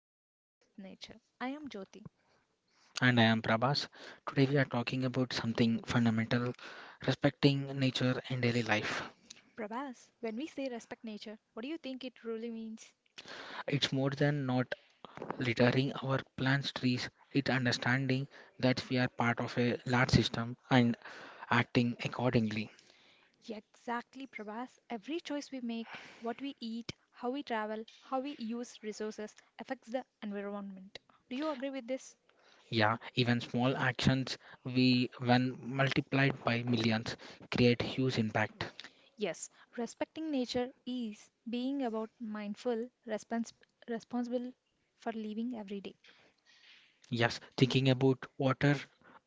on Living with Nature. I am Jyoti. And I am Prabhas. Today we are talking about something fundamental, respecting nature in daily life. Prabhas, when we say respect nature, what do you think it really means? It's more than not littering our plants, trees, it's understanding that we are part of a large system and acting accordingly. Yeah, exactly, Prabhas. Every choice we make, what we eat, how we travel, how we use resources affects the environment. Do you agree with this? Yeah, even small actions, we when multiplied by millions, create huge impact. Yes, respecting nature is being about mindful, responsible for living every day. Yes, thinking about water,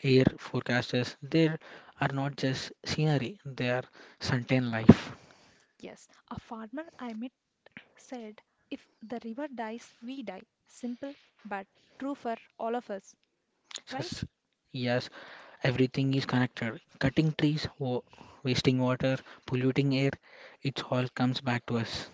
air forecasts, there are not just scenery, they are certain life. Yes, a farmer I met said, if the river dies, we die. Simple but true for all of us, right? Yes, yes, everything is connected. Cutting trees, wasting water, polluting air, it all comes back to us.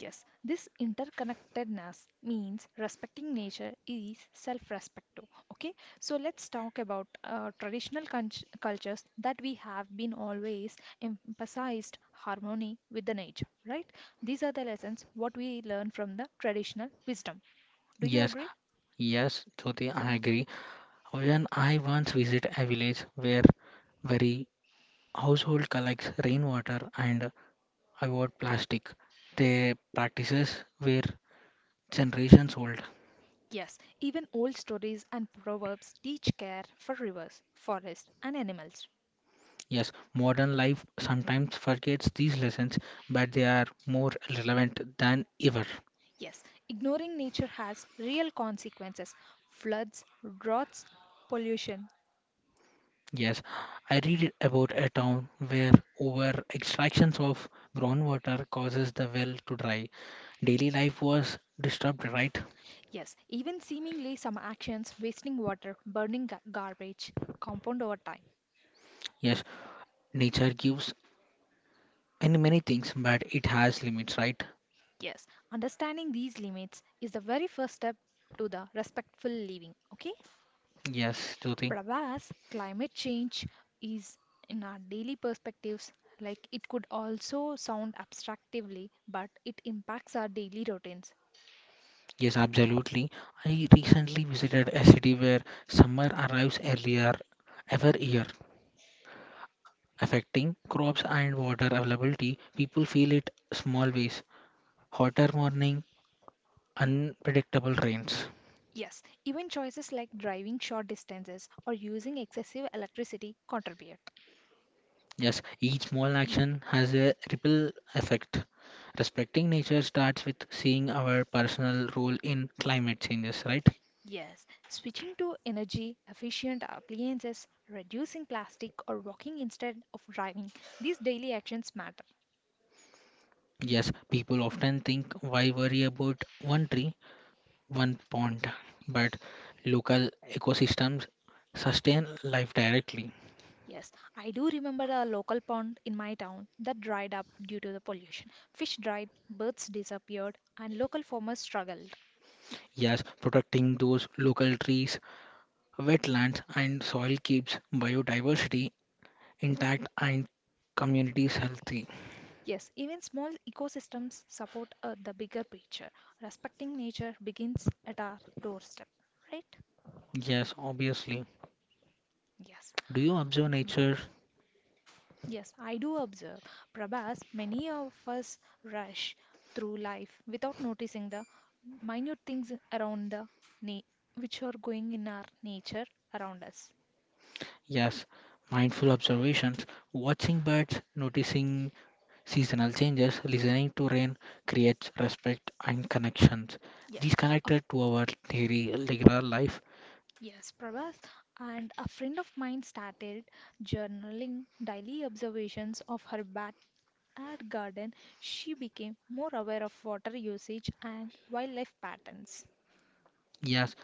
Yes, this interconnectedness means respecting nature is self respect too. Okay, so let's talk about cultures that we have been always emphasized harmony with the nature, right? These are the lessons what we learn from the traditional wisdom. Do you Yes, agree? yes, Jyoti, I agree. When I once visit a village where very household collects rainwater and avoid plastic, their practices were generations old. Yes, even old stories and proverbs teach care for rivers, forests, and animals. Yes, modern life sometimes forgets these lessons, but they are more relevant than ever. Yes, ignoring nature has real consequences, floods, droughts, pollution. Yes, I read about a town where over extractions of groundwater causes the well to dry. Daily life was disturbed, right? Yes, even seemingly some actions wasting water, garbage compound over time. Yes, nature gives and many things, but it has limits, right? Yes, understanding these limits is the very first step to the respectful living. Okay? Yes, Jyoti. Pravas, climate change is in our daily perspectives, like it could also sound abstractively, but it impacts our daily routines. Yes, absolutely. I recently visited a city where summer arrives earlier every year, affecting crops and water availability. People feel it small ways. Hotter morning, unpredictable rains. Yes, even choices like driving short distances or using excessive electricity contribute. Yes, each small action has a ripple effect. Respecting nature starts with seeing our personal role in climate changes, right? Yes, switching to energy efficient appliances, reducing plastic, or walking instead of driving, these daily actions matter. Yes, people often think why worry about one tree, one pond, but local ecosystems sustain life directly. Yes, I do remember a local pond in my town that dried up due to the pollution. Fish died, birds disappeared, and local farmers struggled. Yes, protecting those local trees, wetlands, and soil keeps biodiversity intact and communities healthy. Yes, even small ecosystems support the bigger picture. Respecting nature begins at our doorstep, right? Yes, obviously. Yes, Do you observe nature? yes, I do observe. Prabhas, many of us rush through life without noticing the minute things around the na- which are going in our nature around us. Yes, mindful observations, watching birds, noticing seasonal changes, listening to rain creates respect and connections. Yes, These a connected to our daily regular life. Yes, Prabhas. And a friend of mine started journaling daily observations of her backyard garden. She became more aware of water usage and wildlife patterns. Yes,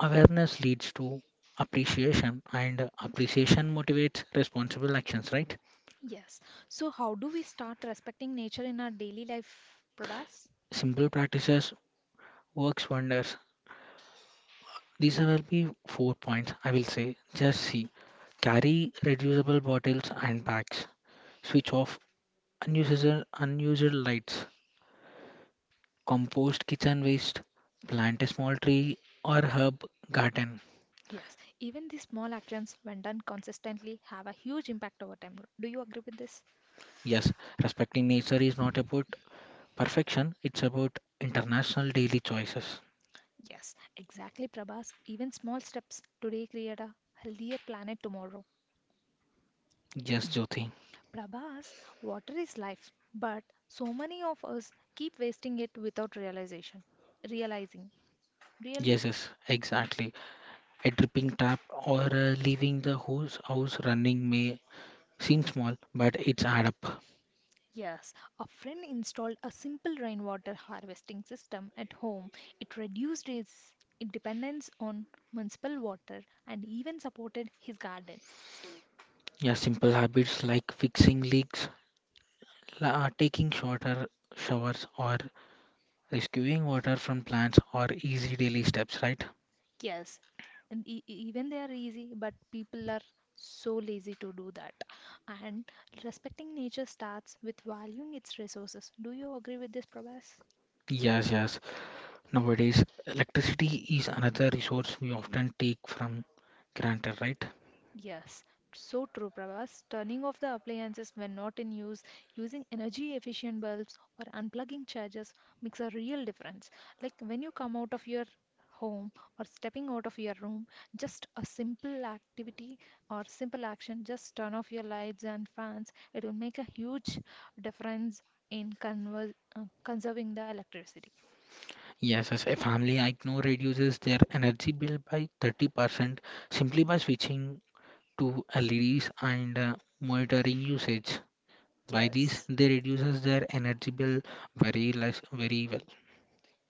awareness leads to appreciation and appreciation motivates responsible actions, right? Yes. So, how do we start respecting nature in our daily life, Prabhas? Simple practices works wonders. These will be 4 points I will say. Just see. Carry reducible bottles and bags, switch off unusual lights, compost kitchen waste, plant a small tree or herb garden. Yes. Even these small actions, when done consistently, have a huge impact over time. Do you agree with this? Yes, respecting nature is not about perfection, it's about international daily choices. Yes, exactly, Prabhas. Even small steps today create a healthier planet tomorrow. Yes, Jyoti. Prabhas, water is life, but so many of us keep wasting it without realization. Realizing, really? Yes, exactly. A dripping tap or leaving the hose house running may seem small, but it's add up. Yes, a friend installed a simple rainwater harvesting system at home. It reduced his dependence on municipal water and even supported his garden. Yeah, simple habits like fixing leaks, taking shorter showers, or rescuing water from plants are easy daily steps, right? Yes, and even they are easy, but people are so lazy to do that. And respecting nature starts with valuing its resources. Do you agree with this, Prabhas? Yes, yes. Nowadays, electricity is another resource we often take from granted, right? Yes, so true, Prabhas. Turning off the appliances when not in use, using energy efficient bulbs, or unplugging chargers makes a real difference. Like when you come out of your home or stepping out of your room, just a simple activity or simple action, just turn off your lights and fans. It will make a huge difference in conserving the electricity. Yes, yes. A family I know reduces their energy bill by 30% simply by switching to LEDs and monitoring usage. By this, Yes. they reduces their energy bill very less, very well.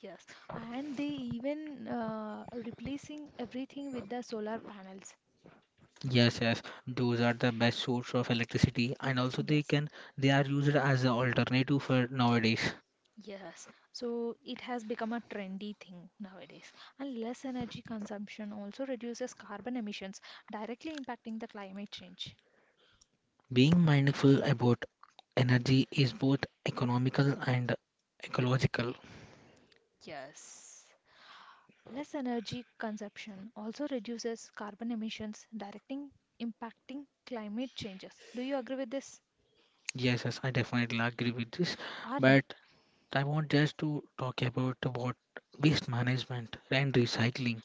Yes, and they even replacing everything with the solar panels. Yes, yes, those are the best source of electricity, and also they Yes. can they are used as an alternative for nowadays. Yes. So it has become a trendy thing nowadays. And less energy consumption also reduces carbon emissions, directly impacting the climate change. Being mindful about energy is both economical and ecological. Yes. Less energy consumption also reduces carbon emissions, directing impacting climate changes. Do you agree with this? Yes, yes, I definitely agree with this, Our but I want just to talk about what waste management and recycling.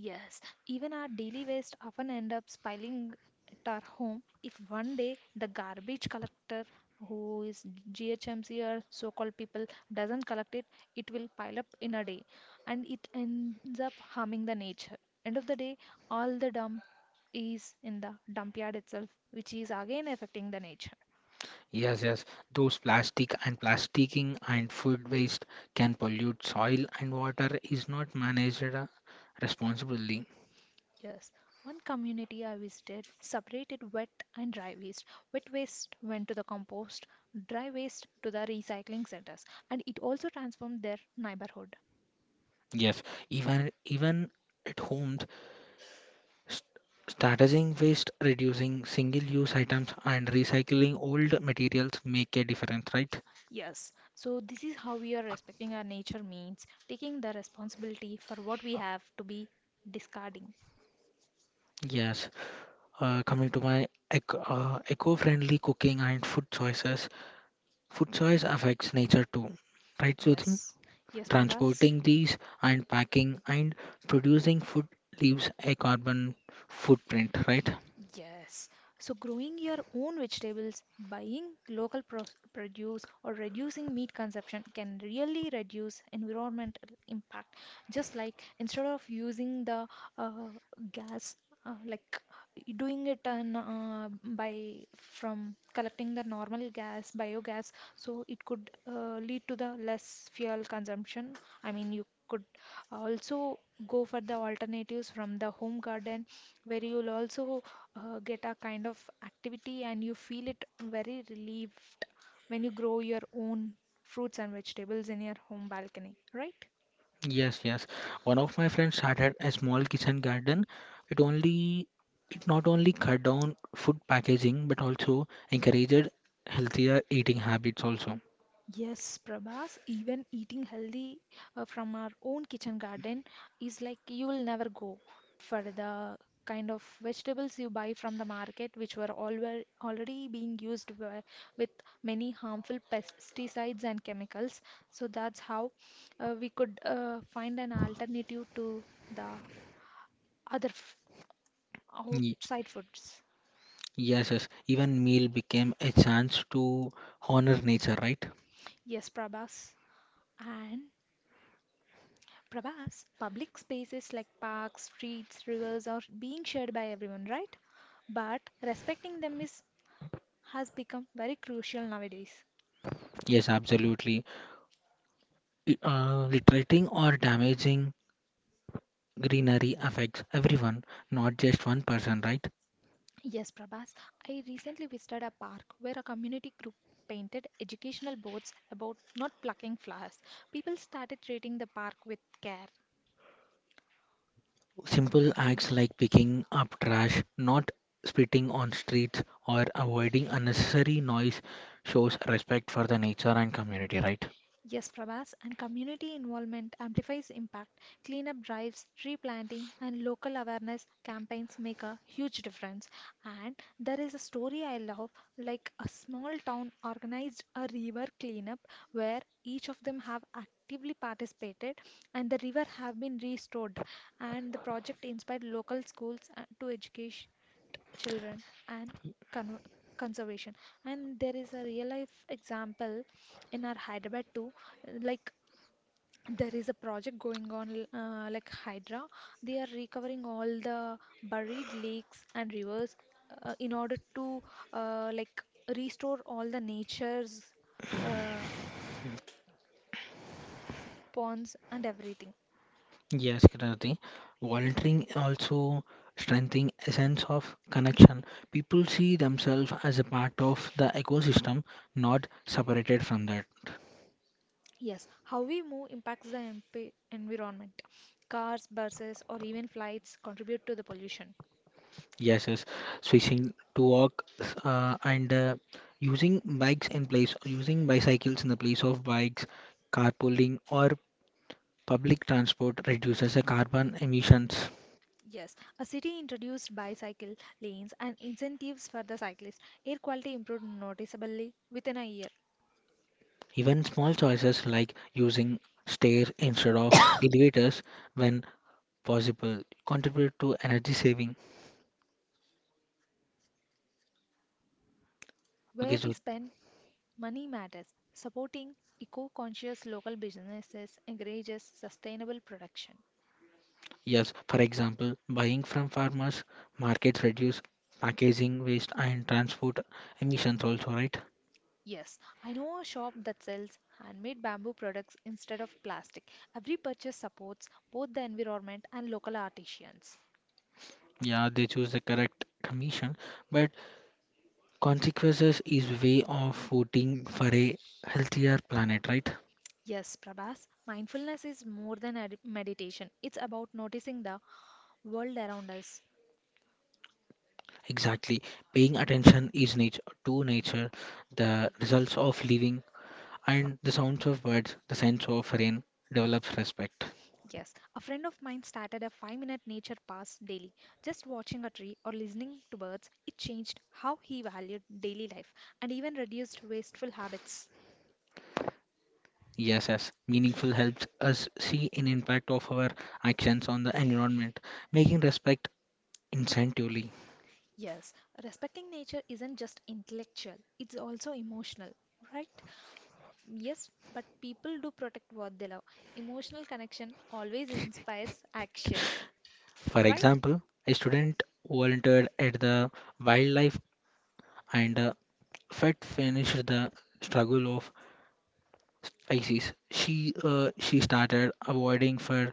yes, even our daily waste often end up piling at our home. If one day the garbage collector, who is GHMC or so-called people, doesn't collect it, it will pile up in a day, and it ends up harming the nature. End of the day, all the dump is in the dump yard itself, which is again affecting the nature. Yes, yes, those plastic and plasticking and food waste can pollute soil and water is not managed responsibly. Yes, one community I visited separated wet and dry waste. Wet waste went to the compost, dry waste to the recycling centers, and it also transformed their neighborhood. Yes, even at home, s- strategizing waste, reducing single-use items, and recycling old materials make a difference, right? Yes, so this is how we are respecting our nature means taking the responsibility for what we have to be discarding. Yes. Coming to my ec eco-friendly cooking and food choices, food choice affects nature too, right, Jyoti? Yes, yes, Prabhas. Transporting these and packing and producing food leaves a carbon footprint, right? Yes. So, growing your own vegetables, buying produce, or reducing meat consumption can really reduce environmental impact. Just like instead of using the uh, gas, like doing it on, by from collecting the normal gas, biogas, so it could lead to the less fuel consumption. I mean, you could also go for the alternatives from the home garden where you'll also get a kind of activity and you feel it very relieved when you grow your own fruits and vegetables in your home balcony, right? Yes, yes. One of my friends started a small kitchen garden. It only it not only cut down food packaging but also encouraged healthier eating habits also. Yes, Prabhas, even eating healthy from our own kitchen garden is like you will never go for the kind of vegetables you buy from the market, which were already being used with many harmful pesticides and chemicals. So that's how we could find an alternative to the other f- Ye- outside foods. Yes, yes. Even meal became a chance to honor nature, right? Yes, Prabhas. And Prabhas, public spaces like parks, streets, rivers are being shared by everyone, right? But respecting them is has become very crucial nowadays. Yes, absolutely. Littering or damaging greenery affects everyone, not just one person, right? Yes, Prabhas. I recently visited a park where a community group painted educational boards about not plucking flowers. People started treating the park with care. Simple acts like picking up trash, not spitting on streets, or avoiding unnecessary noise shows respect for the nature and community, right? Yes, Prabhas, and community involvement amplifies impact. Cleanup drives, tree planting, and local awareness campaigns make a huge difference. And there is a story I love, like a small town organized a river cleanup where each of them have actively participated and the river have been restored and the project inspired local schools to educate children and con- conservation, and there is a real life example in our Hyderabad too, like there is a project going on like Hydra. They are recovering all the buried lakes and rivers in order to like restore all the nature's uh, ponds and everything. Yes, Kirti. Volunteering also strengthening a sense of connection. People see themselves as a part of the ecosystem, not separated from that. Yes, how we move impacts the MP environment. Cars, buses, or even flights contribute to the pollution. Yes, yes. Switching to walk and using bikes in place, Using bicycles in the place of bikes, carpooling or public transport reduces the carbon emissions. Yes, a city introduced bicycle lanes and incentives for the cyclists. Air quality improved noticeably within a year. Even small choices like using stairs instead of elevators when possible contribute to energy saving. Okay, Where we so spend Money matters. Supporting eco conscious local businesses encourages sustainable production. yes, for example, buying from farmers markets reduce packaging waste and transport emissions also, right? Yes, I know a shop that sells handmade bamboo products instead of plastic. Every purchase supports both the environment and local artisans. Yeah, they choose the correct commission, but consequences is way of voting for a healthier planet, right? Yes, Prabhas, mindfulness is more than meditation. It's about noticing the world around us. Exactly. Paying attention is nature to nature, the results of living and the sounds of birds, the sense of rain develops respect. Yes, a friend of mine started a 5-minute nature pass daily. Just watching a tree or listening to birds, it changed how he valued daily life and even reduced wasteful habits. Yes, yes. Meaningful helps us see an impact of our actions on the environment, making respect incentively. Yes, respecting nature isn't just intellectual, it's also emotional, right? Yes, but people do protect what they love. Emotional connection always inspires action, For right? example, a student volunteered at the wildlife and fed finished the struggle of species. She started avoiding fur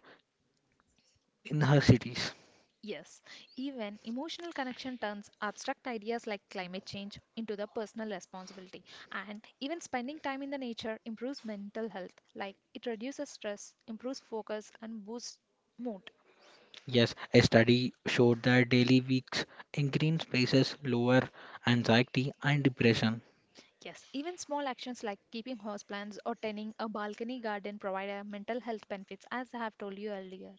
in her cities. Yes, even emotional connection turns abstract ideas like climate change into the personal responsibility. And even spending time in the nature improves mental health, like it reduces stress, improves focus, and boosts mood. Yes, a study showed that daily weeks in green spaces lower anxiety and depression. Yes, even small actions like keeping house plants or tending a balcony garden provide a mental health benefits, as I have told you earlier.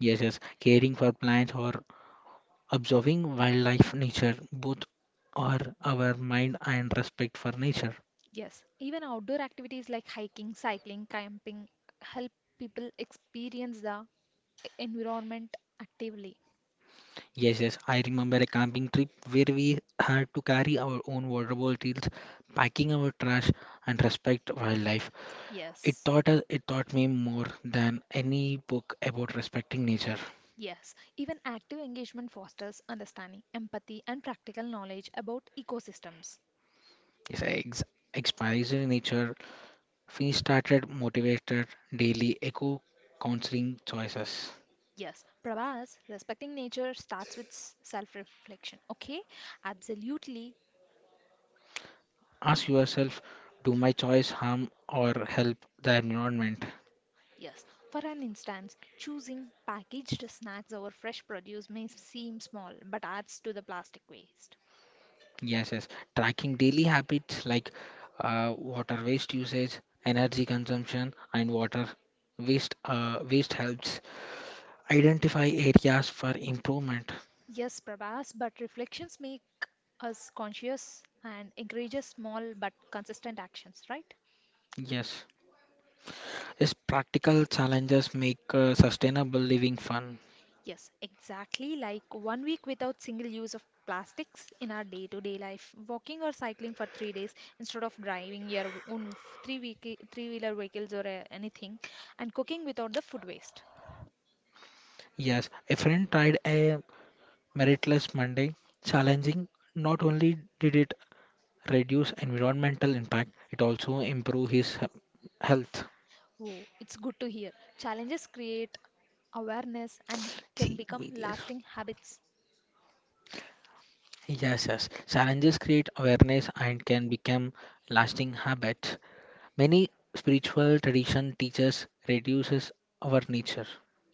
Yes, yes, caring for plants or observing wildlife nature both are our mind and respect for nature. Yes, even outdoor activities like hiking, cycling, camping help people experience the environment actively. Yes, yes, I remember a camping trip where we had to carry our own water bottles, packing our trash and respect wildlife. It Yes. taught us, it taught me more than any book about respecting nature. Yes, even active engagement fosters understanding, empathy, and practical knowledge about ecosystems. Yes, experiencing nature, we started motivated daily echo counseling choices. Yes, Prabhas, respecting nature starts with self reflection. Okay, absolutely. Ask yourself, do my choice harm or help the environment? Yes, for an instance, choosing packaged snacks over fresh produce may seem small but adds to the plastic waste. Yes, yes. Tracking daily habits like water waste usage, energy consumption, and water waste waste helps identify areas for improvement. Yes, Prabhas, but reflections make us conscious and encourages small but consistent actions, right? Yes. Yes, practical challenges make sustainable living fun. Yes, exactly like one week without single use of plastics in our day to day life. Walking or cycling for 3 days instead of driving your own three wheeler vehicles or anything, and cooking without the food waste. Yes, a friend tried a Meritless Monday challenging. Not only did it reduce environmental impact, it also improved health. Oh, it's good to hear. Challenges create awareness and can See, become meatless. lasting habits. Yes, yes. Challenges create awareness and can become lasting habits. Many spiritual tradition teaches reduces our nature.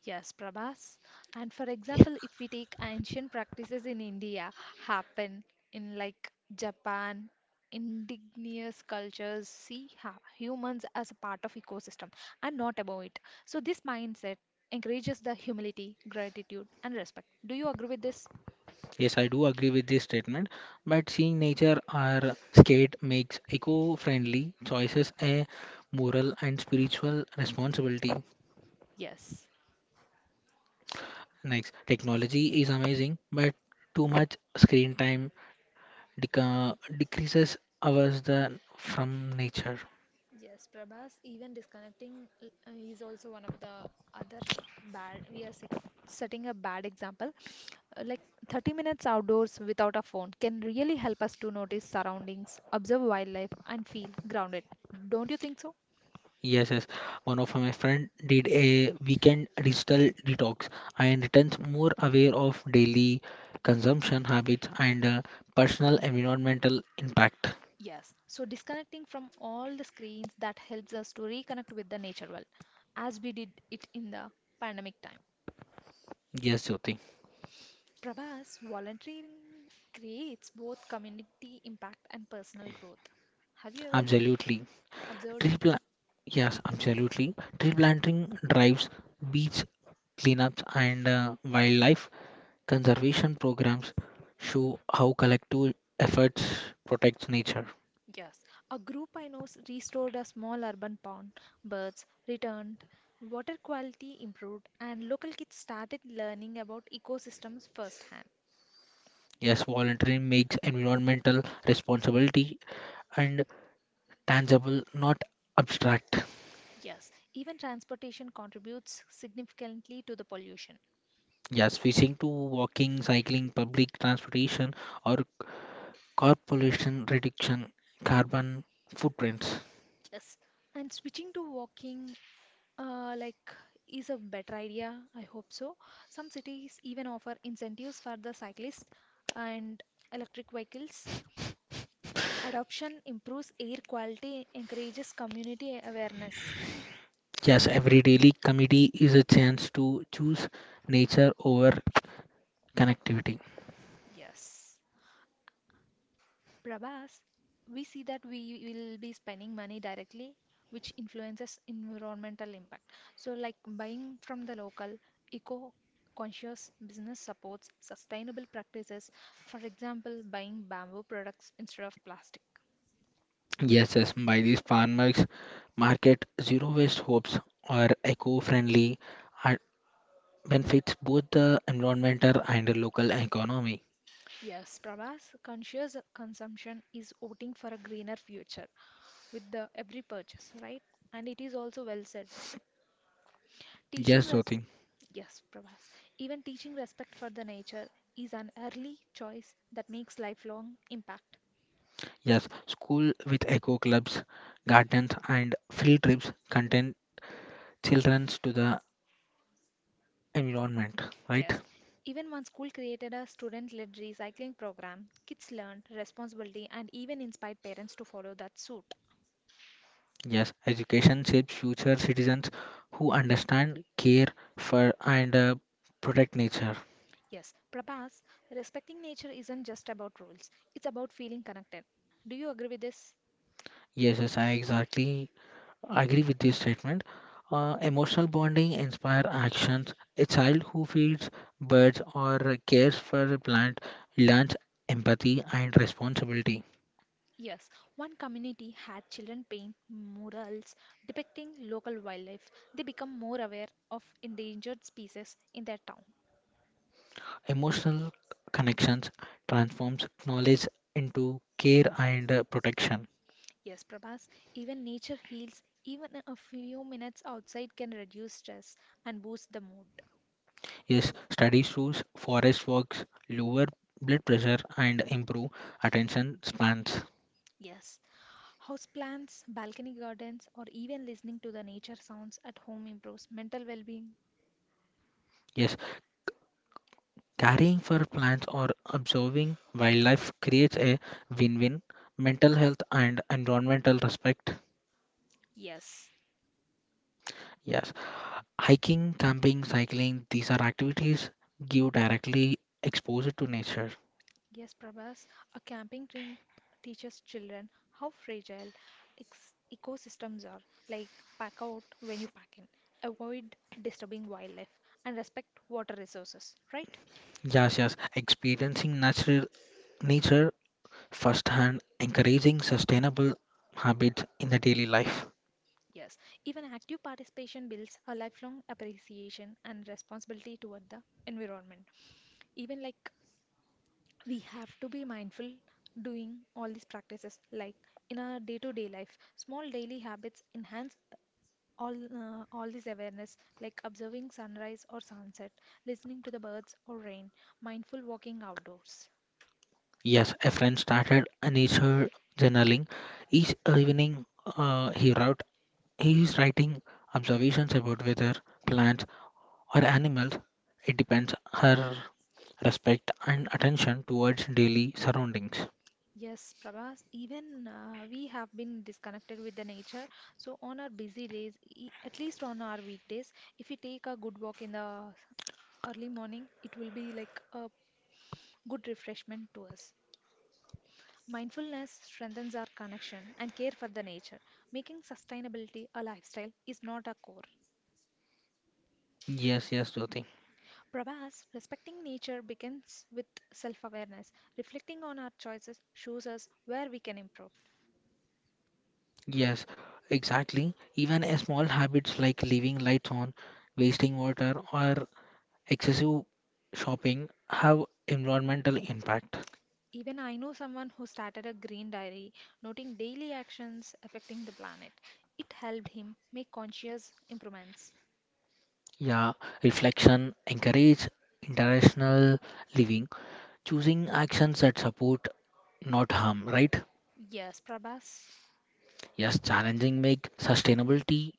Yes, Prabhas. And for example, if we take ancient practices in India, happen in like Japan, indigenous cultures see humans as a part of ecosystem and not above it. So this mindset encourages the humility, gratitude, and respect. Do you agree with this? Yes, I do agree with this statement, but seeing nature or skate makes eco-friendly choices a moral and spiritual responsibility. Yes. Next, technology is amazing, but too much screen time deca decreases ours the from nature. Yes, Prabhas, even disconnecting is also one of the other bad. Setting a bad example. Like 30 minutes outdoors without a phone can really help us to notice surroundings, observe wildlife, and feel grounded. Don't you think so? Yes, yes. One of my friend did a weekend digital detox and returns more aware of daily consumption habits and personal environmental impact. Yes. So disconnecting from all the screens that helps us to reconnect with the nature world, as we did it in the pandemic time. Yes, Jyoti, Prabhas, volunteering creates both community impact and personal growth. Have you ever absolutely. Observed Tree it? plant, yes, absolutely. Tree planting drives beach cleanups and wildlife conservation programs show how collective efforts protects nature. Yes. A group I know restored a small urban pond. Birds returned, water quality improved, and local kids started learning about ecosystems firsthand. Yes, volunteering makes environmental responsibility and tangible, not abstract. Yes. Even transportation contributes significantly to the pollution. Yes, switching to walking, cycling, public transportation, or car pollution reduction, carbon footprints. Yes. And switching to walking, uh, like, is a better idea. I hope so. Some cities even offer incentives for the cyclists and electric vehicles. Adoption improves air quality, encourages community awareness. Yes, every daily committee is a chance to choose nature over connectivity. Yes. Prabhas, we see that we will be spending money directly, which influences environmental impact. So, like buying from the local, eco conscious business supports sustainable practices, for example, buying bamboo products instead of plastic. Yes, yes, by these farmers market zero waste hopes are eco-friendly and benefits both the environmental and the local economy. Yes, Prabhas, conscious consumption is voting for a greener future with the every purchase, right? And it is also well said. Teaching Yes, res Jyoti. Yes, Prabhas. Even teaching respect for the nature is an early choice that makes lifelong impact. Yes, school with eco clubs, gardens and field trips contain childrens to the environment, right? Yes. Even one school created a student-led recycling program, kids learned responsibility and even inspired parents to follow that suit. Yes, education shapes future citizens who understand, care for and protect nature. Yes, Prabhas, respecting nature isn't just about rules. It's about feeling connected. Do you agree with this? Yes, yes, I agree with this statement. Emotional bonding inspire actions. A child who feeds birds or cares for a plant learns empathy and responsibility. Yes, one community had children paint murals depicting local wildlife. They become more aware of endangered species in their town. Emotional connections transforms knowledge into care and protection. Yes, Prabhas, even nature heals. Even a few minutes outside can reduce stress and boost the mood. Yes, studies shows forest walks lower blood pressure and improve attention spans. Yes, houseplants, balcony gardens, or even listening to the nature sounds at home improves mental well being. Yes, caring for plants or observing wildlife creates a win win mental health and environmental respect. Yes. Yes, hiking, camping, cycling, these are activities give directly exposure to nature. Yes, Prabhas, a camping trip teaches children how fragile ex ecosystems are. Like, pack out when you pack in, avoid disturbing wildlife, and respect water resources, right? Yes, yes, experiencing natural nature firsthand, encouraging sustainable habits in the daily life. Yes, even active participation builds a lifelong appreciation and responsibility toward the environment. Even like, we have to be mindful doing all these practices, like in our day-to-day life. Small daily habits enhance all this awareness, like observing sunrise or sunset, listening to the birds or rain, mindful walking outdoors. Yes, a friend started a nature journaling. Each evening, he is writing observations about weather, plants, or animals. It depends her respect and attention towards daily surroundings. Yes, Prabhas, even we have been disconnected with the nature, so on our busy days, at least on our weekdays, if we take a good walk in the early morning, it will be like a good refreshment to us. Mindfulness strengthens our connection and care for the nature. Making sustainability a lifestyle is not a core. Yes, yes, Jyoti. Prabhas, respecting nature begins with self awareness. Reflecting on our choices shows us where we can improve. Yes, exactly. Even a small habits like leaving lights on, wasting water, or excessive shopping have environmental impact. Even I know someone who started a green diary, noting daily actions affecting the planet. It helped him make conscious improvements. Yeah, reflection, encourage international living, choosing actions that support, not harm, right? Yes, Prabhas. Yes, challenging make sustainability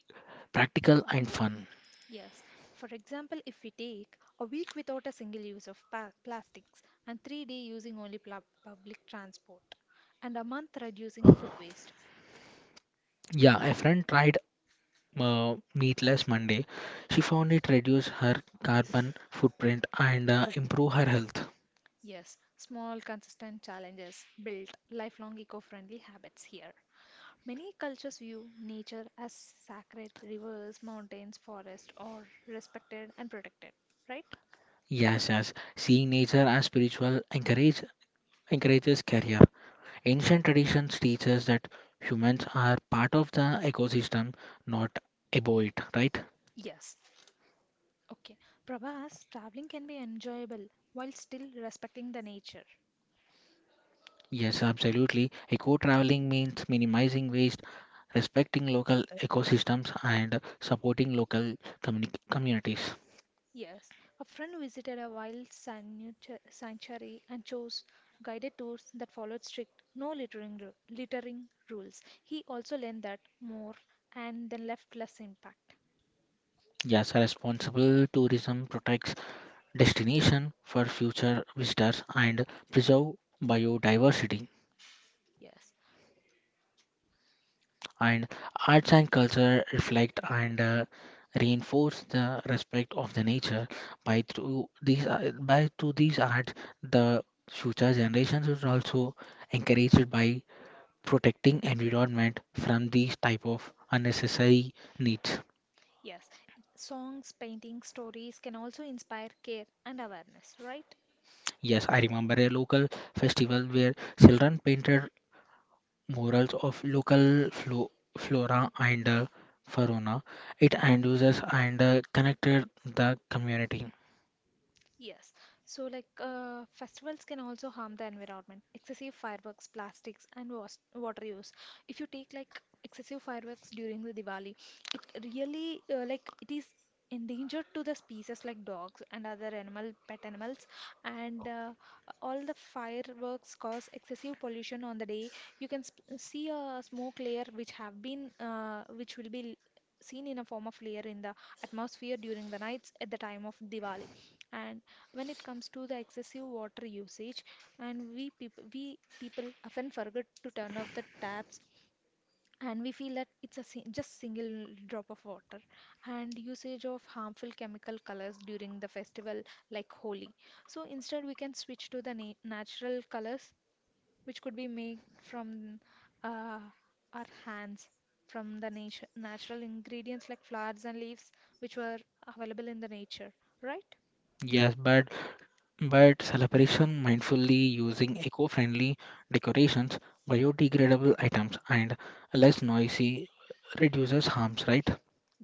practical and fun. Yes. For example, if we take a week without a single use of plastics and 3 days using only public transport and a month reducing food waste. Yeah, a friend tried meatless Monday. She found it reduced her carbon footprint and improve her health. Yes, small, consistent challenges build lifelong eco friendly habits here. Many cultures view nature as sacred rivers, mountains, forests, or respected and protected, right? Yes, yes. Seeing nature as spiritual encourages career. Ancient traditions teach us that humans are part of the ecosystem, not above it, right? Yes. Okay. Prabhas, traveling can be enjoyable while still respecting the nature. Yes, absolutely. Eco traveling means minimizing waste, respecting local ecosystems, and supporting communities. Yes, a friend visited a sanctuary and chose guided tours that followed strict no littering, littering rules. He also learned that more and then left less impact. Yes, responsible tourism protects destination for future visitors and preserve biodiversity. Yes, And arts and culture reflect and reinforce the respect of the nature by through these arts, the future generations is also encouraged by protecting environment from these type of unnecessary needs. yes. Songs, paintings, stories can also inspire care and awareness, right? Yes, I remember a local festival where children painted murals of local flora and fauna. It induces and connected the community. Yes. So, like, festivals can also harm the environment. Excessive fireworks, plastics, and was water use. If you take like excessive fireworks during the Diwali, it really like it is endangered to the species like dogs and other animal pet animals and all the fireworks cause excessive pollution on the day. You can sp see a smoke layer which have been which will be seen in a form of layer in the atmosphere during the nights at the time of Diwali. And when it comes to the excessive water usage, and we people often forget to turn off the taps, and we feel that it's a just single drop of water. And usage of harmful chemical colors during the festival like holi, so instead we can switch to the natural colors, which could be made from uh, our hands, from the nature natural ingredients like flowers and leaves which were available in the nature, right? Yes, but celebration mindfully using eco-friendly decorations, biodegradable items, and less noisy reduces harms, right?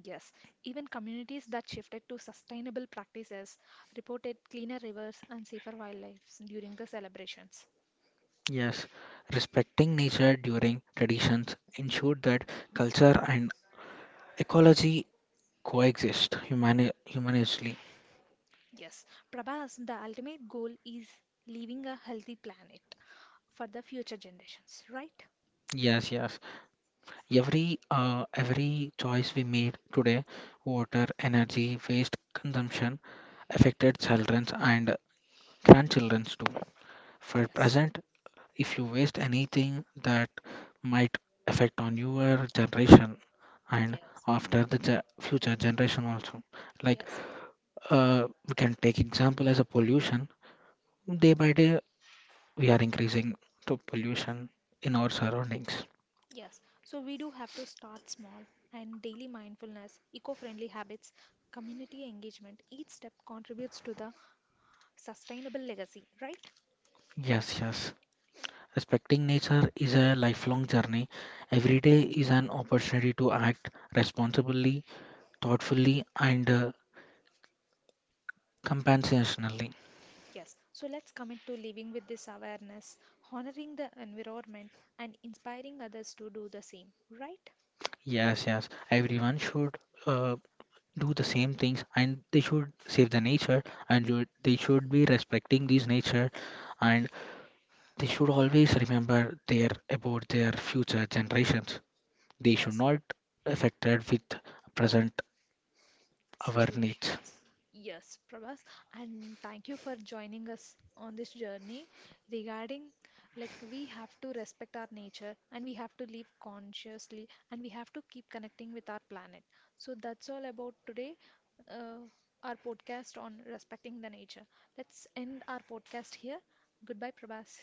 Yes, even communities that shifted to sustainable practices reported cleaner rivers and safer wildlife during the celebrations. Yes, respecting nature during traditions ensured that culture and ecology coexist humanistly. Yes, Prabhas, the ultimate goal is leaving a healthy planet for the future generations, right? Yes, yes. Every every choice we made today, water, energy, waste consumption affected children and grandchildren too. For Yes, present, if you waste anything that might affect on your generation and yes, after the ge future generation also. Like yes, we can take example as a pollution, day by day we are increasing to pollution in our surroundings. yes. So we do have to start small and daily mindfulness, eco friendly habits, community engagement. Each step contributes to the sustainable legacy, right? Yes, yes, respecting nature is a lifelong journey, every day is an opportunity to act responsibly, thoughtfully and compensationally. Yes, so let's commit to living with this awareness, honoring the environment, and inspiring others to do the same, right? Yes, everyone should uh, do the same things and they should save the nature and they should be respecting this nature and they should always remember their about their future generations. They should Yes, not affected with present our needs. situations. Yes, Prabhas, and thank you for joining us on this journey regarding like we have to respect our nature and we have to live consciously and we have to keep connecting with our planet. So that's all about today, uh, our podcast on respecting the nature. Let's end our podcast here. Goodbye, Prabhas.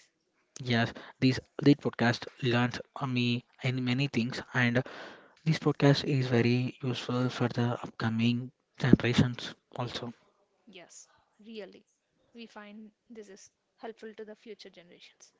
Yes, this this podcast learns me and many things, and this podcast is very useful for the upcoming generations also. Yes, really. We find this is helpful to the future generations.